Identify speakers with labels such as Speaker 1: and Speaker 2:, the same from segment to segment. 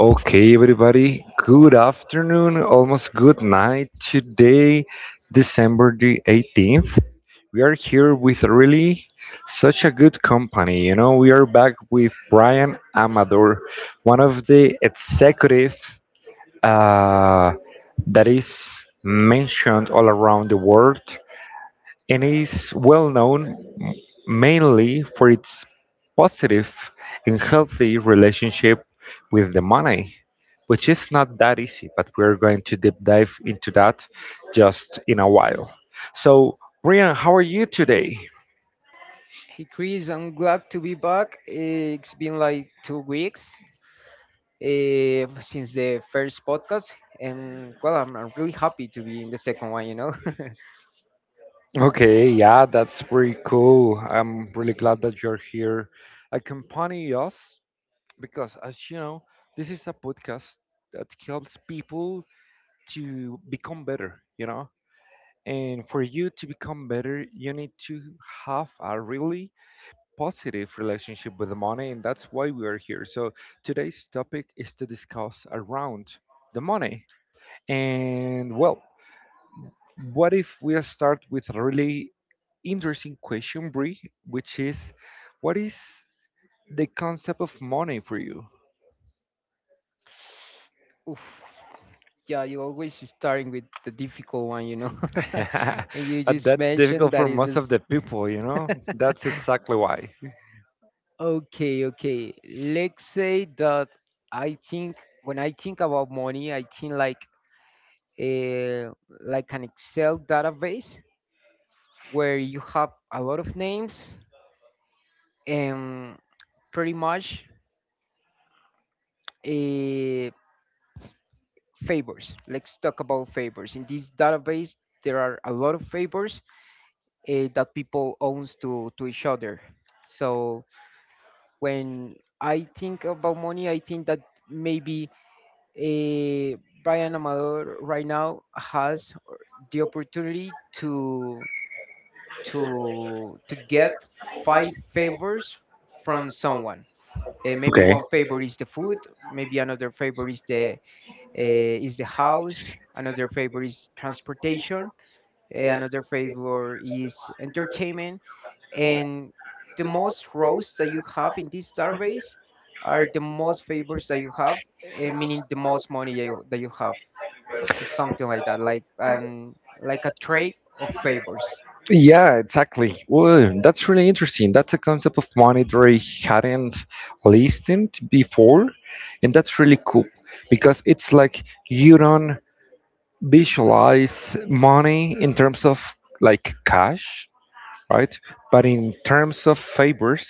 Speaker 1: Okay, everybody, good afternoon, almost good night. Today, December the 18th, we are here with really such a good company. You know, we are back with Brian Amador, one of the executive uh, that is mentioned all around the world and is well known m- mainly for its positive and healthy relationship with the money, which is not that easy, but we're going to deep dive into that just in a while. So, Brian, how are you today?
Speaker 2: Hey Chris, I'm glad to be back. It's been like 2 weeks since the first podcast, and well, I'm really happy to be in the second one.
Speaker 1: Okay, yeah, that's pretty cool. I'm really glad that you're here accompanying us because, as you know, this is a podcast that helps people to become better, you know? And for you to become better, you need to have a really positive relationship with the money, and that's why we are here. So, today's topic is to discuss around the money. And well, what if we start with a really interesting question, Brie, which is what is the concept of money for you?
Speaker 2: Oof. Yeah, you always starting with the difficult one. You know. And you
Speaker 1: But
Speaker 2: just
Speaker 1: that's
Speaker 2: mentioned
Speaker 1: difficult
Speaker 2: that
Speaker 1: for
Speaker 2: is
Speaker 1: most of
Speaker 2: just
Speaker 1: the people, you know? That's exactly why.
Speaker 2: okay. Let's say that I think when I think about money, I think like a like an Excel database where you have a lot of names, um, pretty much uh, favors. Let's talk about favors. In this database, there are a lot of favors that people owns to each other. So when I think about money, I think that maybe, uh, Brian Amador right now has the opportunity to to get five favors from someone. Maybe one favor is the food, maybe another favor is the, is the house, another favor is transportation, another favor is entertainment, and the most rows that you have in this database are the most favors that you have, meaning the most money that you have, or something like that, like a tray of favors.
Speaker 1: Yeah, exactly. Well, that's really interesting. That's a concept of monetary hadn't listened before, and that's really cool because it's like you don't visualize money in terms of like cash, right? But in terms of favors,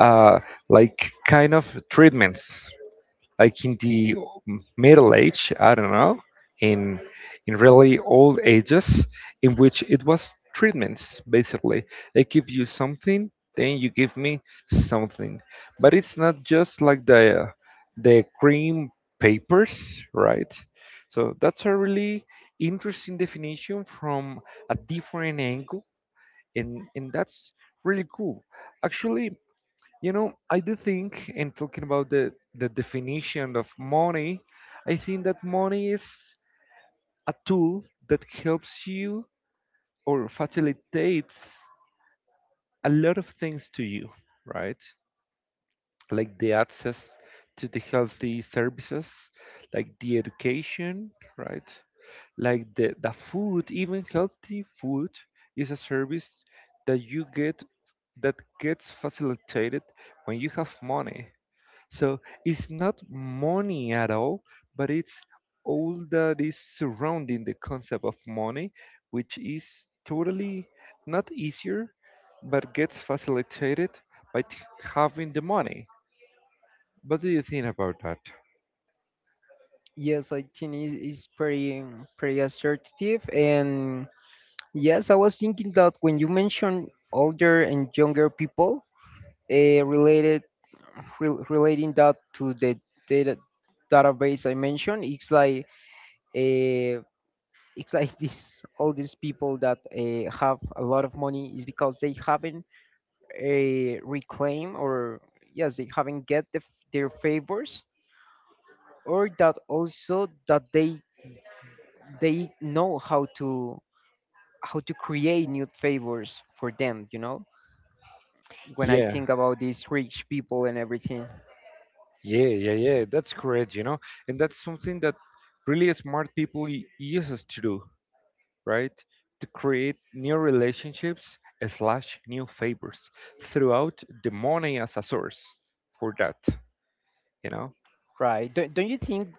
Speaker 1: uh, like kind of treatments, like in the middle age, I don't know, in in really old ages, in which it was treatments basically. They give you something, then you give me something, but it's not just like the cream papers, right? So that's a really interesting definition from a different angle, and that's really cool. Actually, you know, I do think, and talking about the definition of money, I think that money is a tool that helps you or facilitates a lot of things to you, right? Like the access to the healthy services, like the education, right? Like the food, even healthy food is a service that you get that gets facilitated when you have money. So it's not money at all, but it's all that is surrounding the concept of money, which is totally not easier, but gets facilitated by having the money. What do you think about that?
Speaker 2: Yes, I think it's pretty pretty assertive, and yes, I was thinking that when you mentioned older and younger people, uh, related relating that to the data database I mentioned. It's like, uh, it's like this, all these people that have a lot of money is because they haven't, reclaim, or yes, they haven't get the, their favors, or that also that they know how to create new favors for them, you know, when I
Speaker 1: Yeah,
Speaker 2: think about these rich people and everything.
Speaker 1: yeah, yeah, yeah. That's correct, you know, and that's something that really smart people uses to do. Right? To create new relationships slash new favors throughout the money as a source for that, you know?
Speaker 2: Right, don't you think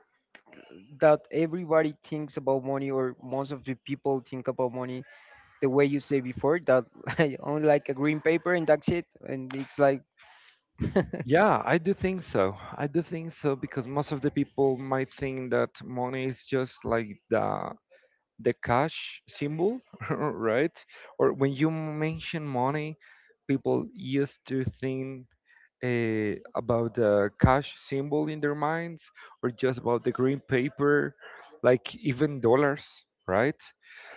Speaker 2: that everybody thinks about money, or most of the people think about money the way you say before, that I only like a green paper and that's it, and it's like
Speaker 1: Yeah, I do think so. I do think so because most of the people might think that money is just like the cash symbol, right? Or when you mention money, people used to think about the cash symbol in their minds or just about the green paper, like even dollars, right?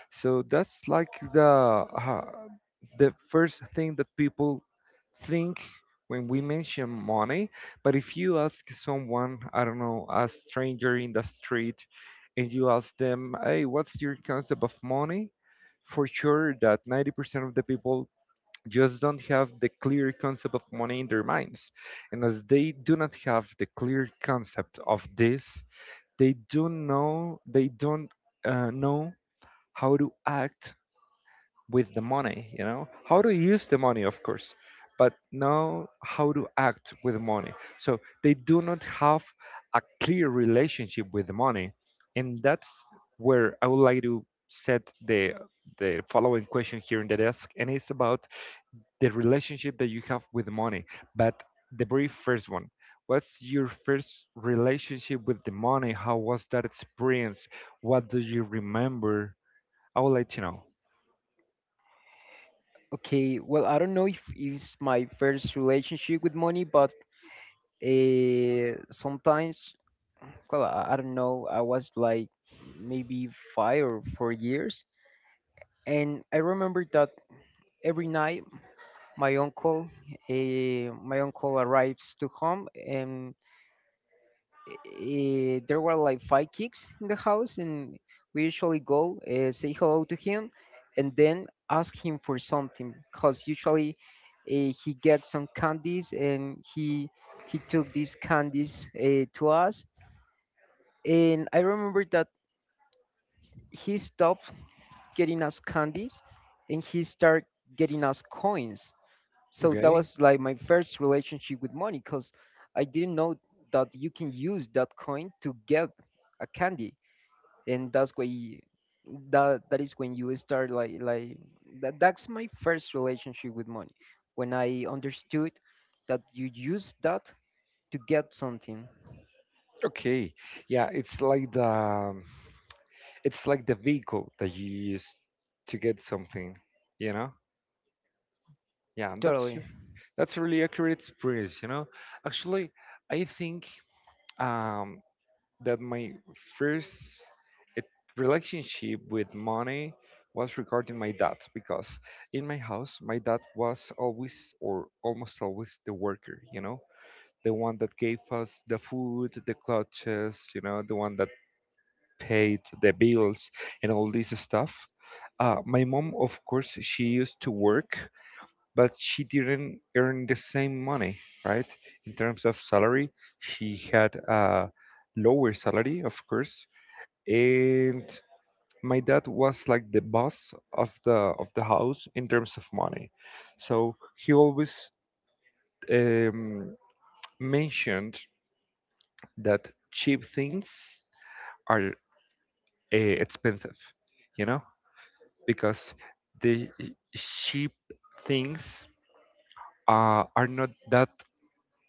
Speaker 1: So that's like uh, the first thing that people think when we mention money. But if you ask someone, I don't know, a stranger in the street, and you ask them, hey, what's your concept of money, for sure that 90% of the people just don't have the clear concept of money in their minds. And as they do not have the clear concept of this, they do know they don't know how to act with the money. You know how to use the money, of course, but know how to act with money. So they do not have a clear relationship with the money, and that's where I would like to set the following question here in the desk, and it's about the relationship that you have with money. But the very first one, what's your first relationship with the money? How was that experience? What do you remember? I would like to know.
Speaker 2: okay, well, I don't know if it's my first relationship with money, but, sometimes, well, I don't know, I was like maybe 5 or 4 years, and I remember that every night my uncle, my uncle arrives to home, and there were like five kids in the house, and we usually go say hello to him, and then ask him for something, cause usually, he gets some candies, and he took these candies to us, and I remember that he stopped getting us candies, and he started getting us coins. So that
Speaker 1: Okay.
Speaker 2: was like my first relationship with money, cause I didn't know that you can use that coin to get a candy, and that's why that is when you start like that, that's my first relationship with money, when I understood that you use that to get something.
Speaker 1: Okay. Yeah, it's like the vehicle that you use to get something, you know? Yeah, that's
Speaker 2: Totally.
Speaker 1: that's a really accurate experience, you know. Actually, I think um, that my first e- relationship with money was regarding my dad because in my house, my dad was always or almost always the worker, you know, the one that gave us the food, the clutches, you know, the one that paid the bills and all this stuff. My mom, of course, she used to work, but she didn't earn the same money, right? In terms of salary, she had a lower salary, of course, and my dad was like the boss of the house in terms of money. So he always um, mentioned that cheap things are expensive, you know, because the cheap things are not that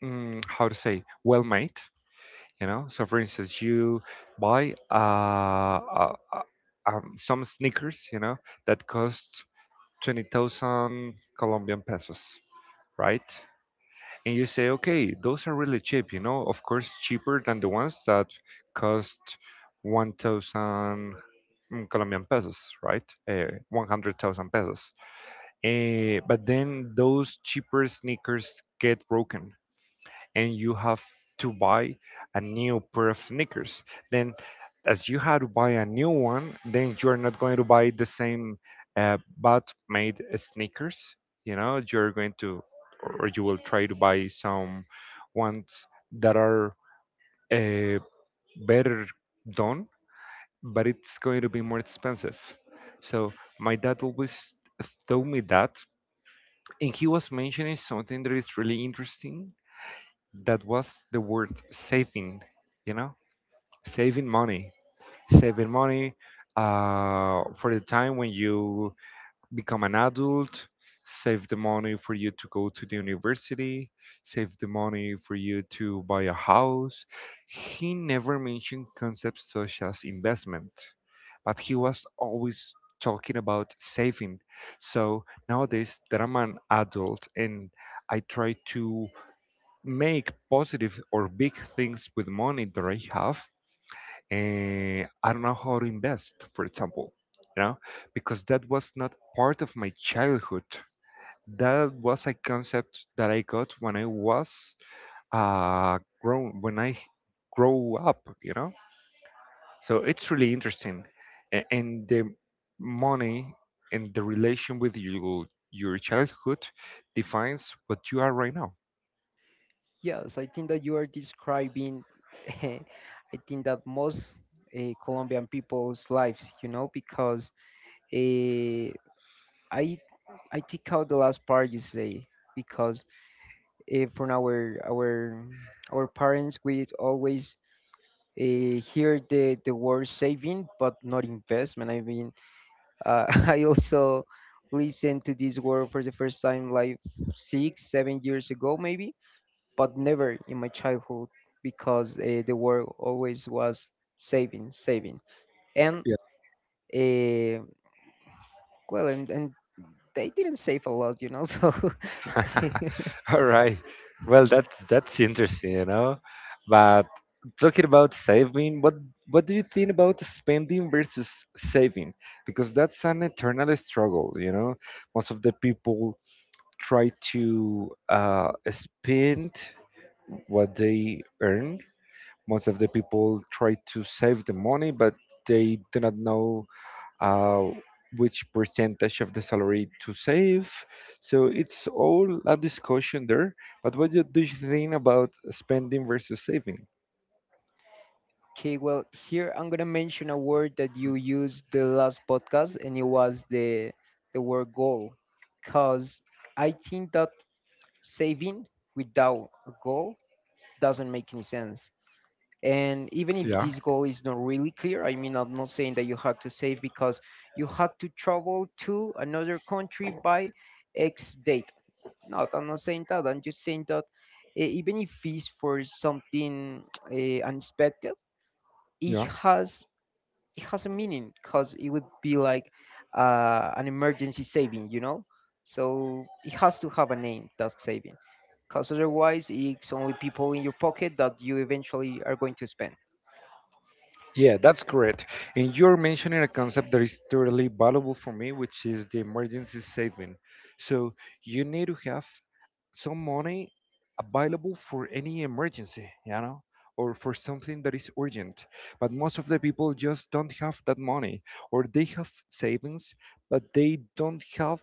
Speaker 1: how to say, well made, you know. So for instance, you buy some sneakers, you know, that cost 20,000 colombian pesos, right? And you say, okay, those are really cheap, you know, of course cheaper than the ones that cost 1,000 colombian pesos, right? uh, 100,000 pesos, but then those cheaper sneakers get broken and you have to buy a new pair of sneakers. Then, as you had to buy a new one, then you're not going to buy the same bad made sneakers. You know, you're going to, or you will try to buy some ones that are uh, better done, but it's going to be more expensive. So, my dad always told me that. And he was mentioning something that is really interesting, that was the word saving, you know, saving money, saving money for the time when you become an adult, save the money for you to go to the university, save the money for you to buy a house. He never mentioned concepts such as investment, but he was always talking about saving. So nowadays that I'm an adult and I try to make positive or big things with money that I have, and I don't know how to invest, for example, you know, because that was not part of my childhood. That was a concept that I got when I was grown, when I grow up, you know. So it's really interesting, and the money and the relation with you, your childhood defines what you are right now.
Speaker 2: Yes, I think that you are describing I think that most Colombian people's lives, you know, because, uh, I take out the last part you say, because, from our our parents, we always, hear the word saving, but not investment. I mean, I also listened to this word for the first time like 6 7 years ago maybe, but never in my childhood, because, the word always was saving saving, and, uh, well, and they didn't save a lot, you know. So
Speaker 1: All right. Well, that's interesting, you know. But talking about saving, what do you think about spending versus saving? Because that's an eternal struggle, you know. Most of the people try to spend what they earn. Most of the people try to save the money, but they do not know uh, which percentage of the salary to save. So it's all a discussion there. But what do you think about spending versus saving?
Speaker 2: okay, well, here I'm gonna mention a word that you used the last podcast, and it was the word goal, because I think that saving without a goal doesn't make any sense. And even if this goal is not really clear, I mean, I'm not saying that you have to save because you have to travel to another country by X date. No, I'm not saying that. I'm just saying that, even if it's for something unexpected, it
Speaker 1: Yeah.
Speaker 2: has it has a meaning, because it would be like, an emergency saving, you know. So it has to have a name, that saving, because otherwise it's only people in your pocket that you eventually are going to spend.
Speaker 1: Yeah, that's correct. And you're mentioning a concept that is totally valuable for me, which is the emergency saving. So you need to have some money available for any emergency, you know, or for something that is urgent. But most of the people just don't have that money, or they have savings, but they don't have,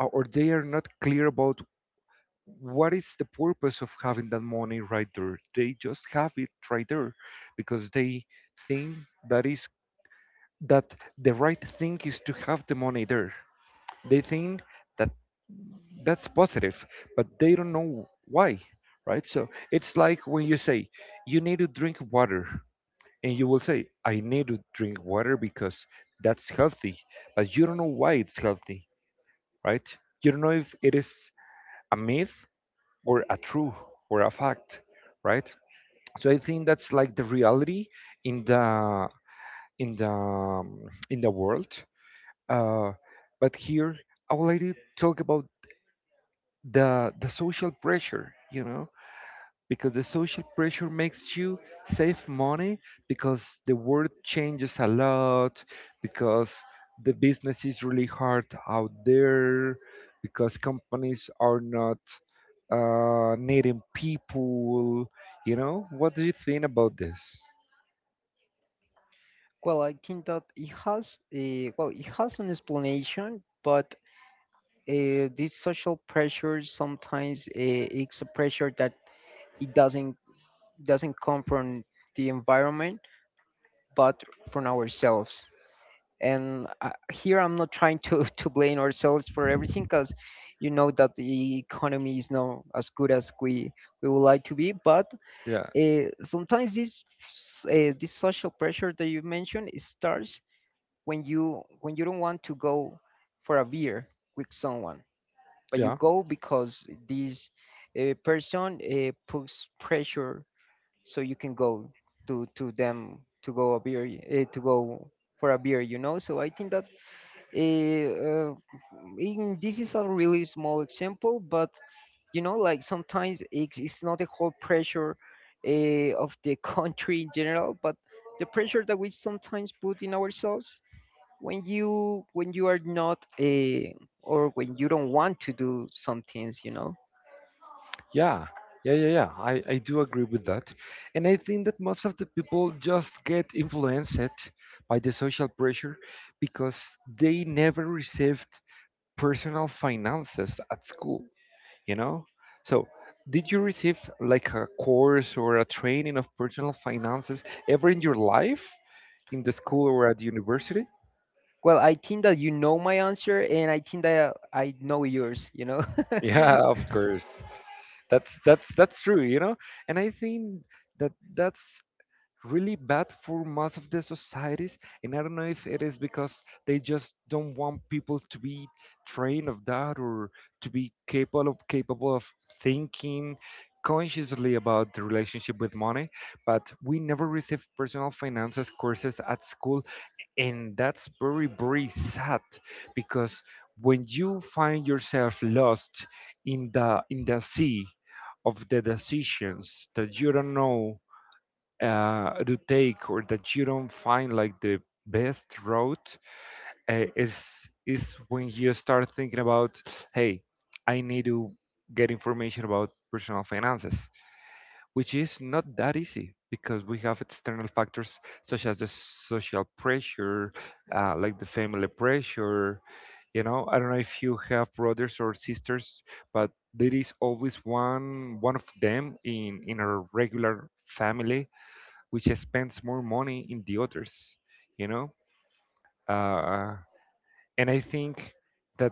Speaker 1: or they are not clear about what is the purpose of having that money right there? They just have it right there because they think that is that the right thing is to have the money there. They think that that's positive, but they don't know why, right? So it's like when you say you need to drink water and you will say, I need to drink water because that's healthy, but you don't know why it's healthy, right? You don't know if it is a myth or a true or a fact, right? So I think that's like the reality in in the um, the world. uh, but here I would like to talk about the social pressure, you know, because the social pressure makes you save money because the world changes a lot because the business is really hard out there because companies are not needing people, you know. What do you think about this?
Speaker 2: Well, I think that it has a well, it has an explanation, but, this social pressure sometimes, it's a pressure that it doesn't come from the environment, but from ourselves. And, here I'm not trying to to blame ourselves for everything, because you know that the economy is not as good as we would like to be, but,
Speaker 1: Yeah,
Speaker 2: sometimes this, this social pressure that you mentioned, it starts when you don't want to go for a beer with someone, but you
Speaker 1: yeah,
Speaker 2: go because this, person, puts pressure so you can go to them to go a beer, to go for a beer, you know. So I think that Eh, uh, in, this is a really small example, but you know, like sometimes it's not the whole pressure of the country in general, but the pressure that we sometimes put in ourselves when you are not, or when you don't want to do some things, you know.
Speaker 1: yeah, yeah, yeah, yeah, I do agree with that, and I think that most of the people just get influenced by the social pressure because they never received personal finances at school, you know. So did you receive like a course or a training of personal finances ever in your life, in the school or at university?
Speaker 2: Well, I think that you know my answer, and I think that I know yours. You know.
Speaker 1: Yeah, of course. That's true, you know, and I think that that's really bad for most of the societies. And I don't know if it is because they just don't want people to be trained of that, or to be capable of thinking consciously about the relationship with money. But we never received personal finances courses at school, and that's very, very sad. Because when you find yourself lost in the sea of the decisions that you don't know to take, or that you don't find like the best route, uh, is is when you start thinking about, hey, I need to get information about personal finances, which is not that easy because we have external factors such as the social pressure, like the family pressure. You know, I don't know if you have brothers or sisters, but there is always one of them in a regular family which spends more money in the others, you know uh, and I think that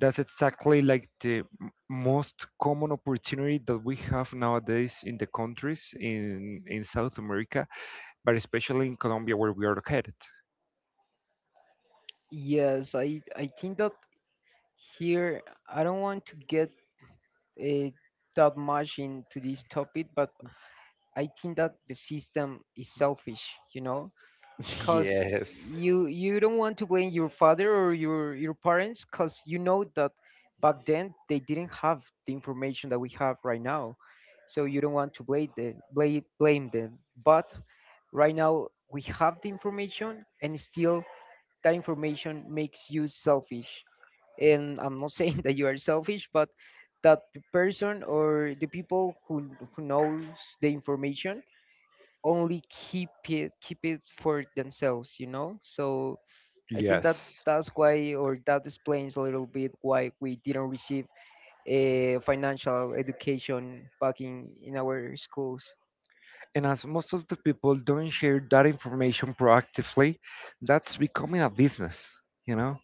Speaker 1: that's exactly like the most common opportunity that we have nowadays in the countries in South America, but especially in Colombia where we are located.
Speaker 2: Yes, I think that here I don't want to get, uh, that much into this topic, but I think that the system is selfish, you know, because
Speaker 1: Yes.
Speaker 2: you don't want to blame your father or your parents, because you know that back then they didn't have the information that we have right now, so you don't want to blame the blame them. But right now we have the information, and still that information makes you selfish, and I'm not saying that you are selfish, but that the person or the people who knows the information, only keep it for themselves, you know. So I think that
Speaker 1: Yes.
Speaker 2: that's why, or that explains a little bit why we didn't receive a financial education back in our schools.
Speaker 1: And as most of the people don't share that information proactively, that's becoming a business, you know?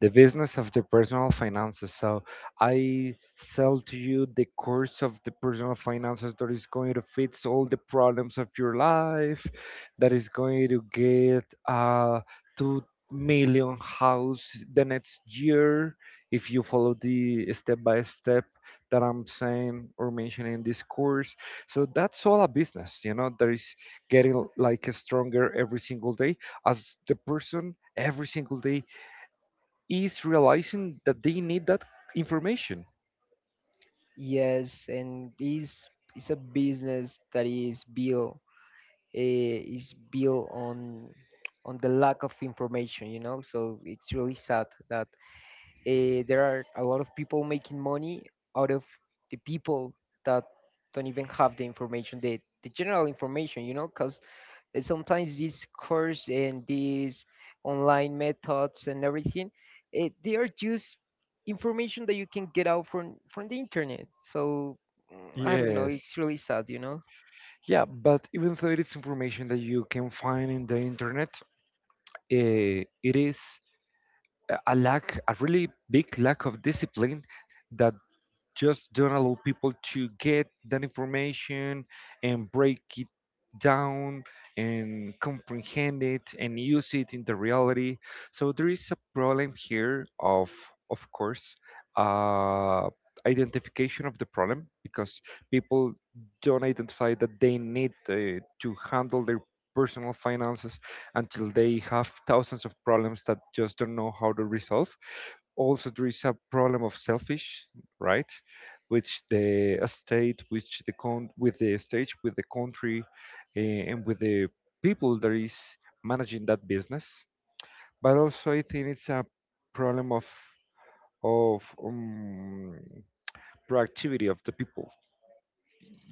Speaker 1: The business of the personal finances. So I sell to you the course of the personal finances that is going to fix all the problems of your life, that is going to get 2 million house the next year if you follow the step by step that I'm saying or mentioning in this course. So that's all a business, you know, that is getting like stronger every single day, as the person every single day is realizing that they need that information.
Speaker 2: Yes, and this is a business that is built, is built on the lack of information, you know. So it's really sad that, there are a lot of people making money out of the people that don't even have the information, the general information, you know, because sometimes these course and these online methods and everything, they are just information that you can get out from the internet. So I don't know,
Speaker 1: Yes.
Speaker 2: it's really sad, you know.
Speaker 1: Yeah, but even though it is information that you can find in the internet, it is a lack, a really big lack of discipline that just don't allow people to get that information and break it down and comprehend it and use it in the reality. So there is a problem here of course, uh, identification of the problem, because people don't identify that they need to handle their personal finances until they have thousands of problems that just don't know how to resolve. Also there is a problem of selfish, right? Which the state, which the con, with the state, with the country, and with the people that is managing that business. But also, I think it's a problem of of um, proactivity of the people.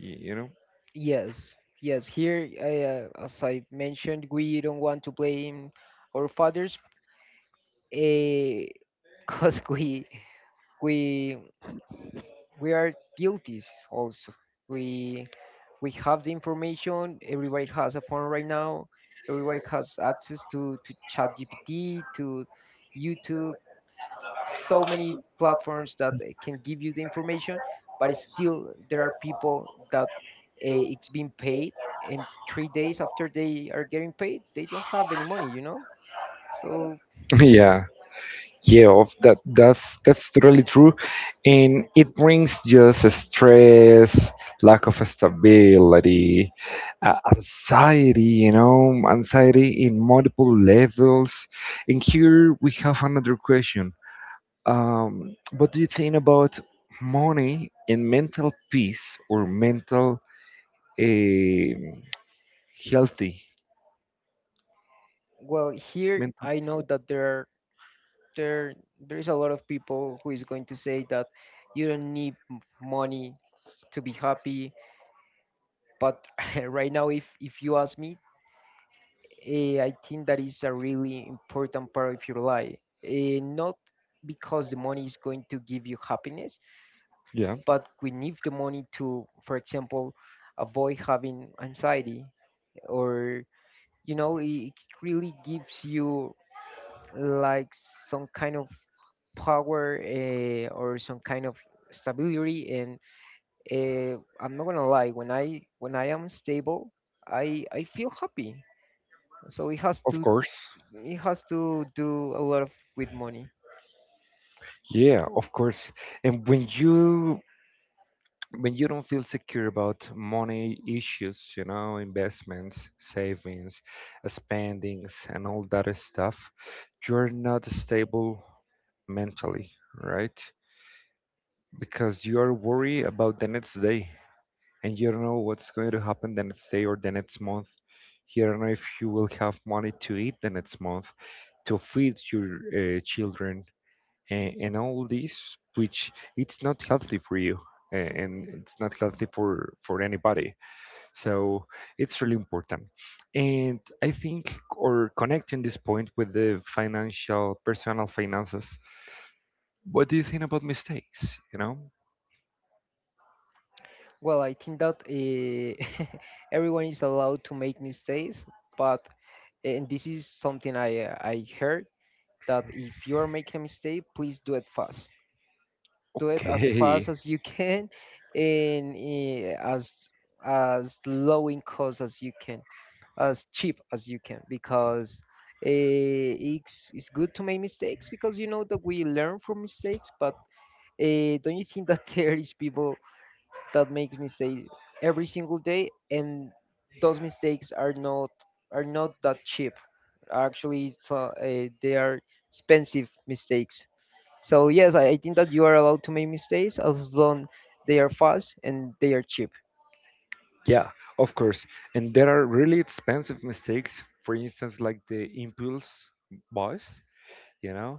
Speaker 1: You know.
Speaker 2: Yes, yes. Here, as I mentioned, we don't want to blame our fathers, because we we are guilty also. We we have the information. Everybody has a phone right now. Everybody has access to ChatGPT, to YouTube, so many platforms that, can give you the information, but still there are people that, it's being paid, and 3 days after they are getting paid, they don't have any money, you know. So
Speaker 1: Yeah. Yeah, of that, that's totally true, and it brings just stress, lack of stability, anxiety, you know, anxiety in multiple levels. And here we have another question. What do you think about money and mental peace, or mental, um healthy,
Speaker 2: well, here
Speaker 1: mental?
Speaker 2: I know that there are there there is a lot of people who is going to say that you don't need money to be happy, but right now, if you ask me, I think that is a really important part of your life. Not because the money is going to give you happiness,
Speaker 1: Yeah,
Speaker 2: but we need the money to, for example, avoid having anxiety, or, you know, it really gives you like some kind of power, or some kind of stability. And, I'm not gonna lie, when I am stable, I feel happy. So
Speaker 1: of course.
Speaker 2: it has to do a lot of with money.
Speaker 1: Yeah, of course. And when you, when you don't feel secure about money issues, you know, investments, savings, spendings, and all that stuff, you're not stable mentally, right? Because you're worried about the next day, and you don't know what's going to happen the next day or the next month. You don't know if you will have money to eat the next month, to feed your children, and all this, which it's not healthy for you, and it's not healthy for anybody. So it's really important. And I think, or connecting this point with the financial personal finances, what do you think about mistakes, you know?
Speaker 2: Well, I think that, everyone is allowed to make mistakes, but, and this is something I heard, that if you are making a mistake, please do it fast. Do it as fast
Speaker 1: Okay.
Speaker 2: as you can, and, as low in cost as you can, as cheap as you can, because, it's good to make mistakes, because you know that we learn from mistakes, but, don't you think that there is people that makes mistakes every single day, and those mistakes are not that cheap. Actually, it's, they are expensive mistakes. So yes, I think that you are allowed to make mistakes as long they are fast and they are cheap.
Speaker 1: Yeah, of course. And there are really expensive mistakes, for instance, like the impulse buys, you know.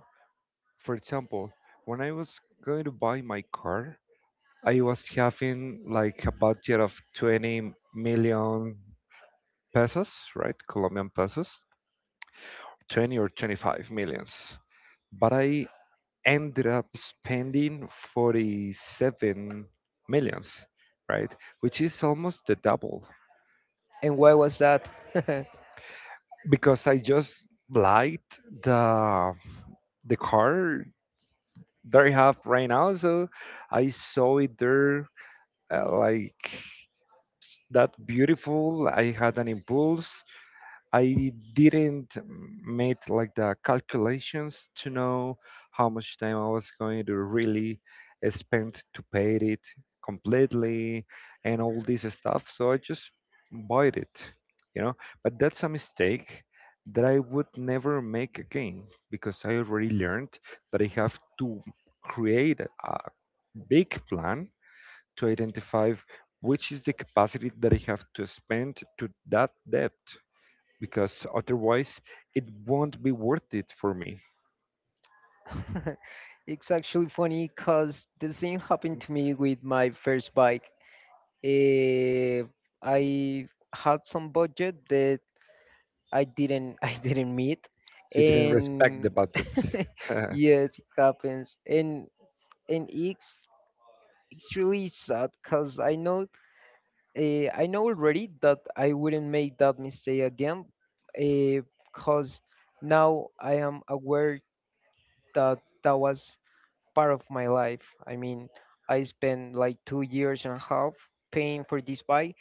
Speaker 1: For example, when I was going to buy my car, I was having like a budget of 20 million pesos, right? Colombian pesos, 20 or 25 millions. But I ended up spending 47 millions, right? Which is almost the double,
Speaker 2: And why was that?
Speaker 1: because I just liked the car that I have right now. So I saw it there, like, that beautiful. I had an impulse. I didn't make like the calculations to know how much time I was going to really spend to pay it completely and all this stuff. So I just bought it, you know. But that's a mistake that I would never make again, because I already learned that I have to create a big plan to identify which is the capacity that I have to spend to that debt, because otherwise it won't be worth it for me.
Speaker 2: It's actually funny because the same happened to me with my first bike. Eh, I had some budget that I didn't I didn't meet,
Speaker 1: You didn't respect the
Speaker 2: and
Speaker 1: budget.
Speaker 2: yes, it happens. And and it's it's really sad because I know, I know already that I wouldn't make that mistake again, because now I am aware that that was part of my life. I mean, I spent like 2 years and a half paying for this bike.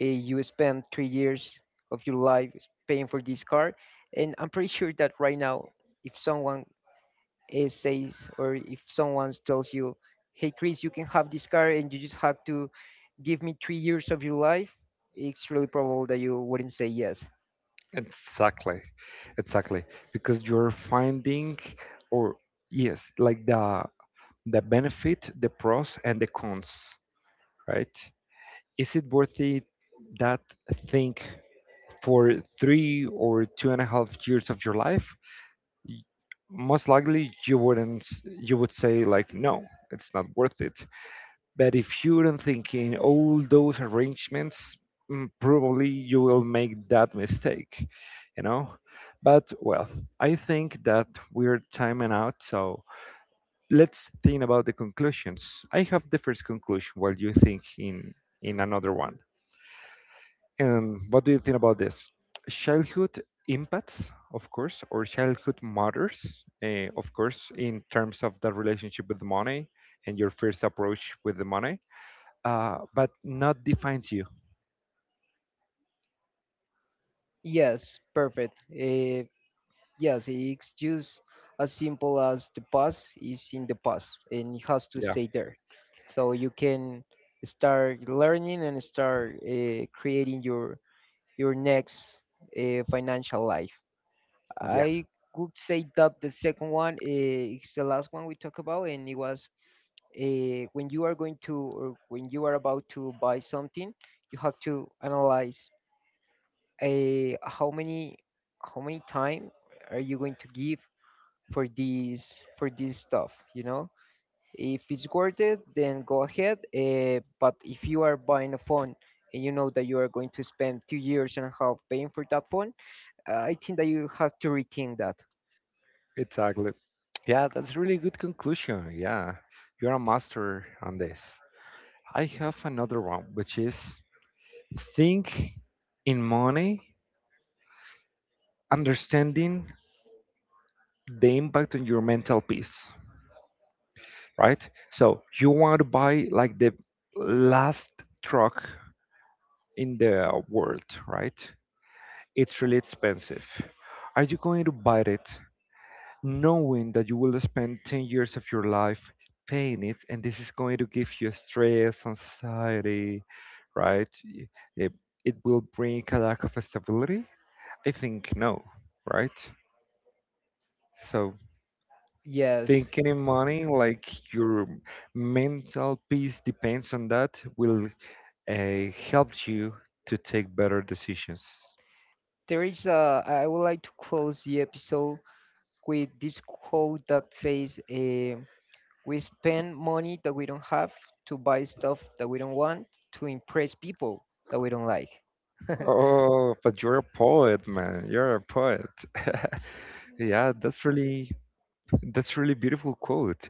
Speaker 2: You spend 3 years of your life paying for this car, and I'm pretty sure that right now, if someone, says, or if someone tells you, "Hey, Chris, you can have this car, and you just have to give me 3 years of your life," it's really probable that you wouldn't say yes.
Speaker 1: Exactly, exactly. Because you're finding, or yes, like the benefit, the pros and the cons, right? Is it worth it that thing for three or two and a half years of your life? Y- Most likely, you wouldn't. You would say like, no, it's not worth it. But if you don't think in all those arrangements, probably you will make that mistake, you know? But well, I think that we're timing out, so let's think about the conclusions. I have the first conclusion while you think in another one. And what do you think about this? Childhood impacts, of course, or childhood matters, of course, in terms of the relationship with the money and your first approach with the money, but not defines you.
Speaker 2: Yes, perfect. Yes, it's just as simple as the past is in the past and it has to
Speaker 1: Yeah,
Speaker 2: stay there. So you can start learning and start, creating your next, financial life.
Speaker 1: yeah,
Speaker 2: I would say that the second one, is the last one we talk about, and it was, when you are going to, or when you are about to buy something, you have to analyze, how many time are you going to give for these for this stuff, you know. If it's worth it, then go ahead, but if you are buying a phone, and you know that you are going to spend 2 years and a half paying for that phone, I think that you have to rethink that.
Speaker 1: exactly. Yeah, that's a really good conclusion. Yeah, you're a master on this. I have another one, which is, think in money, understanding the impact on your mental peace, right? So you want to buy like the last truck in the world, right? It's really expensive. Are you going to buy it knowing that you will spend 10 years of your life paying it, and this is going to give you stress, anxiety, right? Y- it, it will bring a lack of stability. I think no, right? So
Speaker 2: Yes,
Speaker 1: thinking in money like your mental peace depends on that will help you to take better decisions.
Speaker 2: there is a, I would like to close the episode with this quote that says, we spend money that we don't have, to buy stuff that we don't want, to impress people that we don't like.
Speaker 1: Oh, but you're a poet, man, you're a poet. Yeah, that's really, that's really beautiful quote,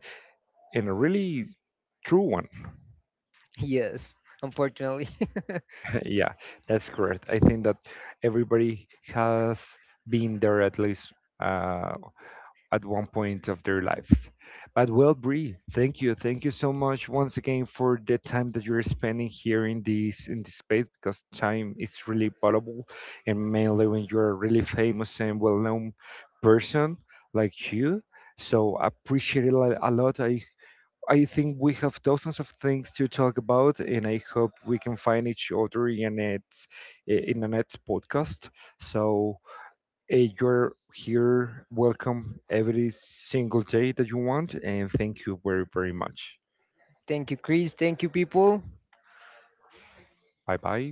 Speaker 1: and a really true one.
Speaker 2: Yes, unfortunately.
Speaker 1: Yeah, that's correct. I think that everybody has been there at least, uh, at one point of their lives. But well, Bree, thank you so much once again for the time that you're spending here in this space, because time is really valuable, and mainly when you're a really famous and well-known person like you. So I appreciate it a lot. A lot. I think we have dozens of things to talk about, and I hope we can find each other in it in the next podcast. So you're here, welcome every single day that you want, and thank you very, very much.
Speaker 2: Thank you, Chris. Thank you, people.
Speaker 1: Bye bye.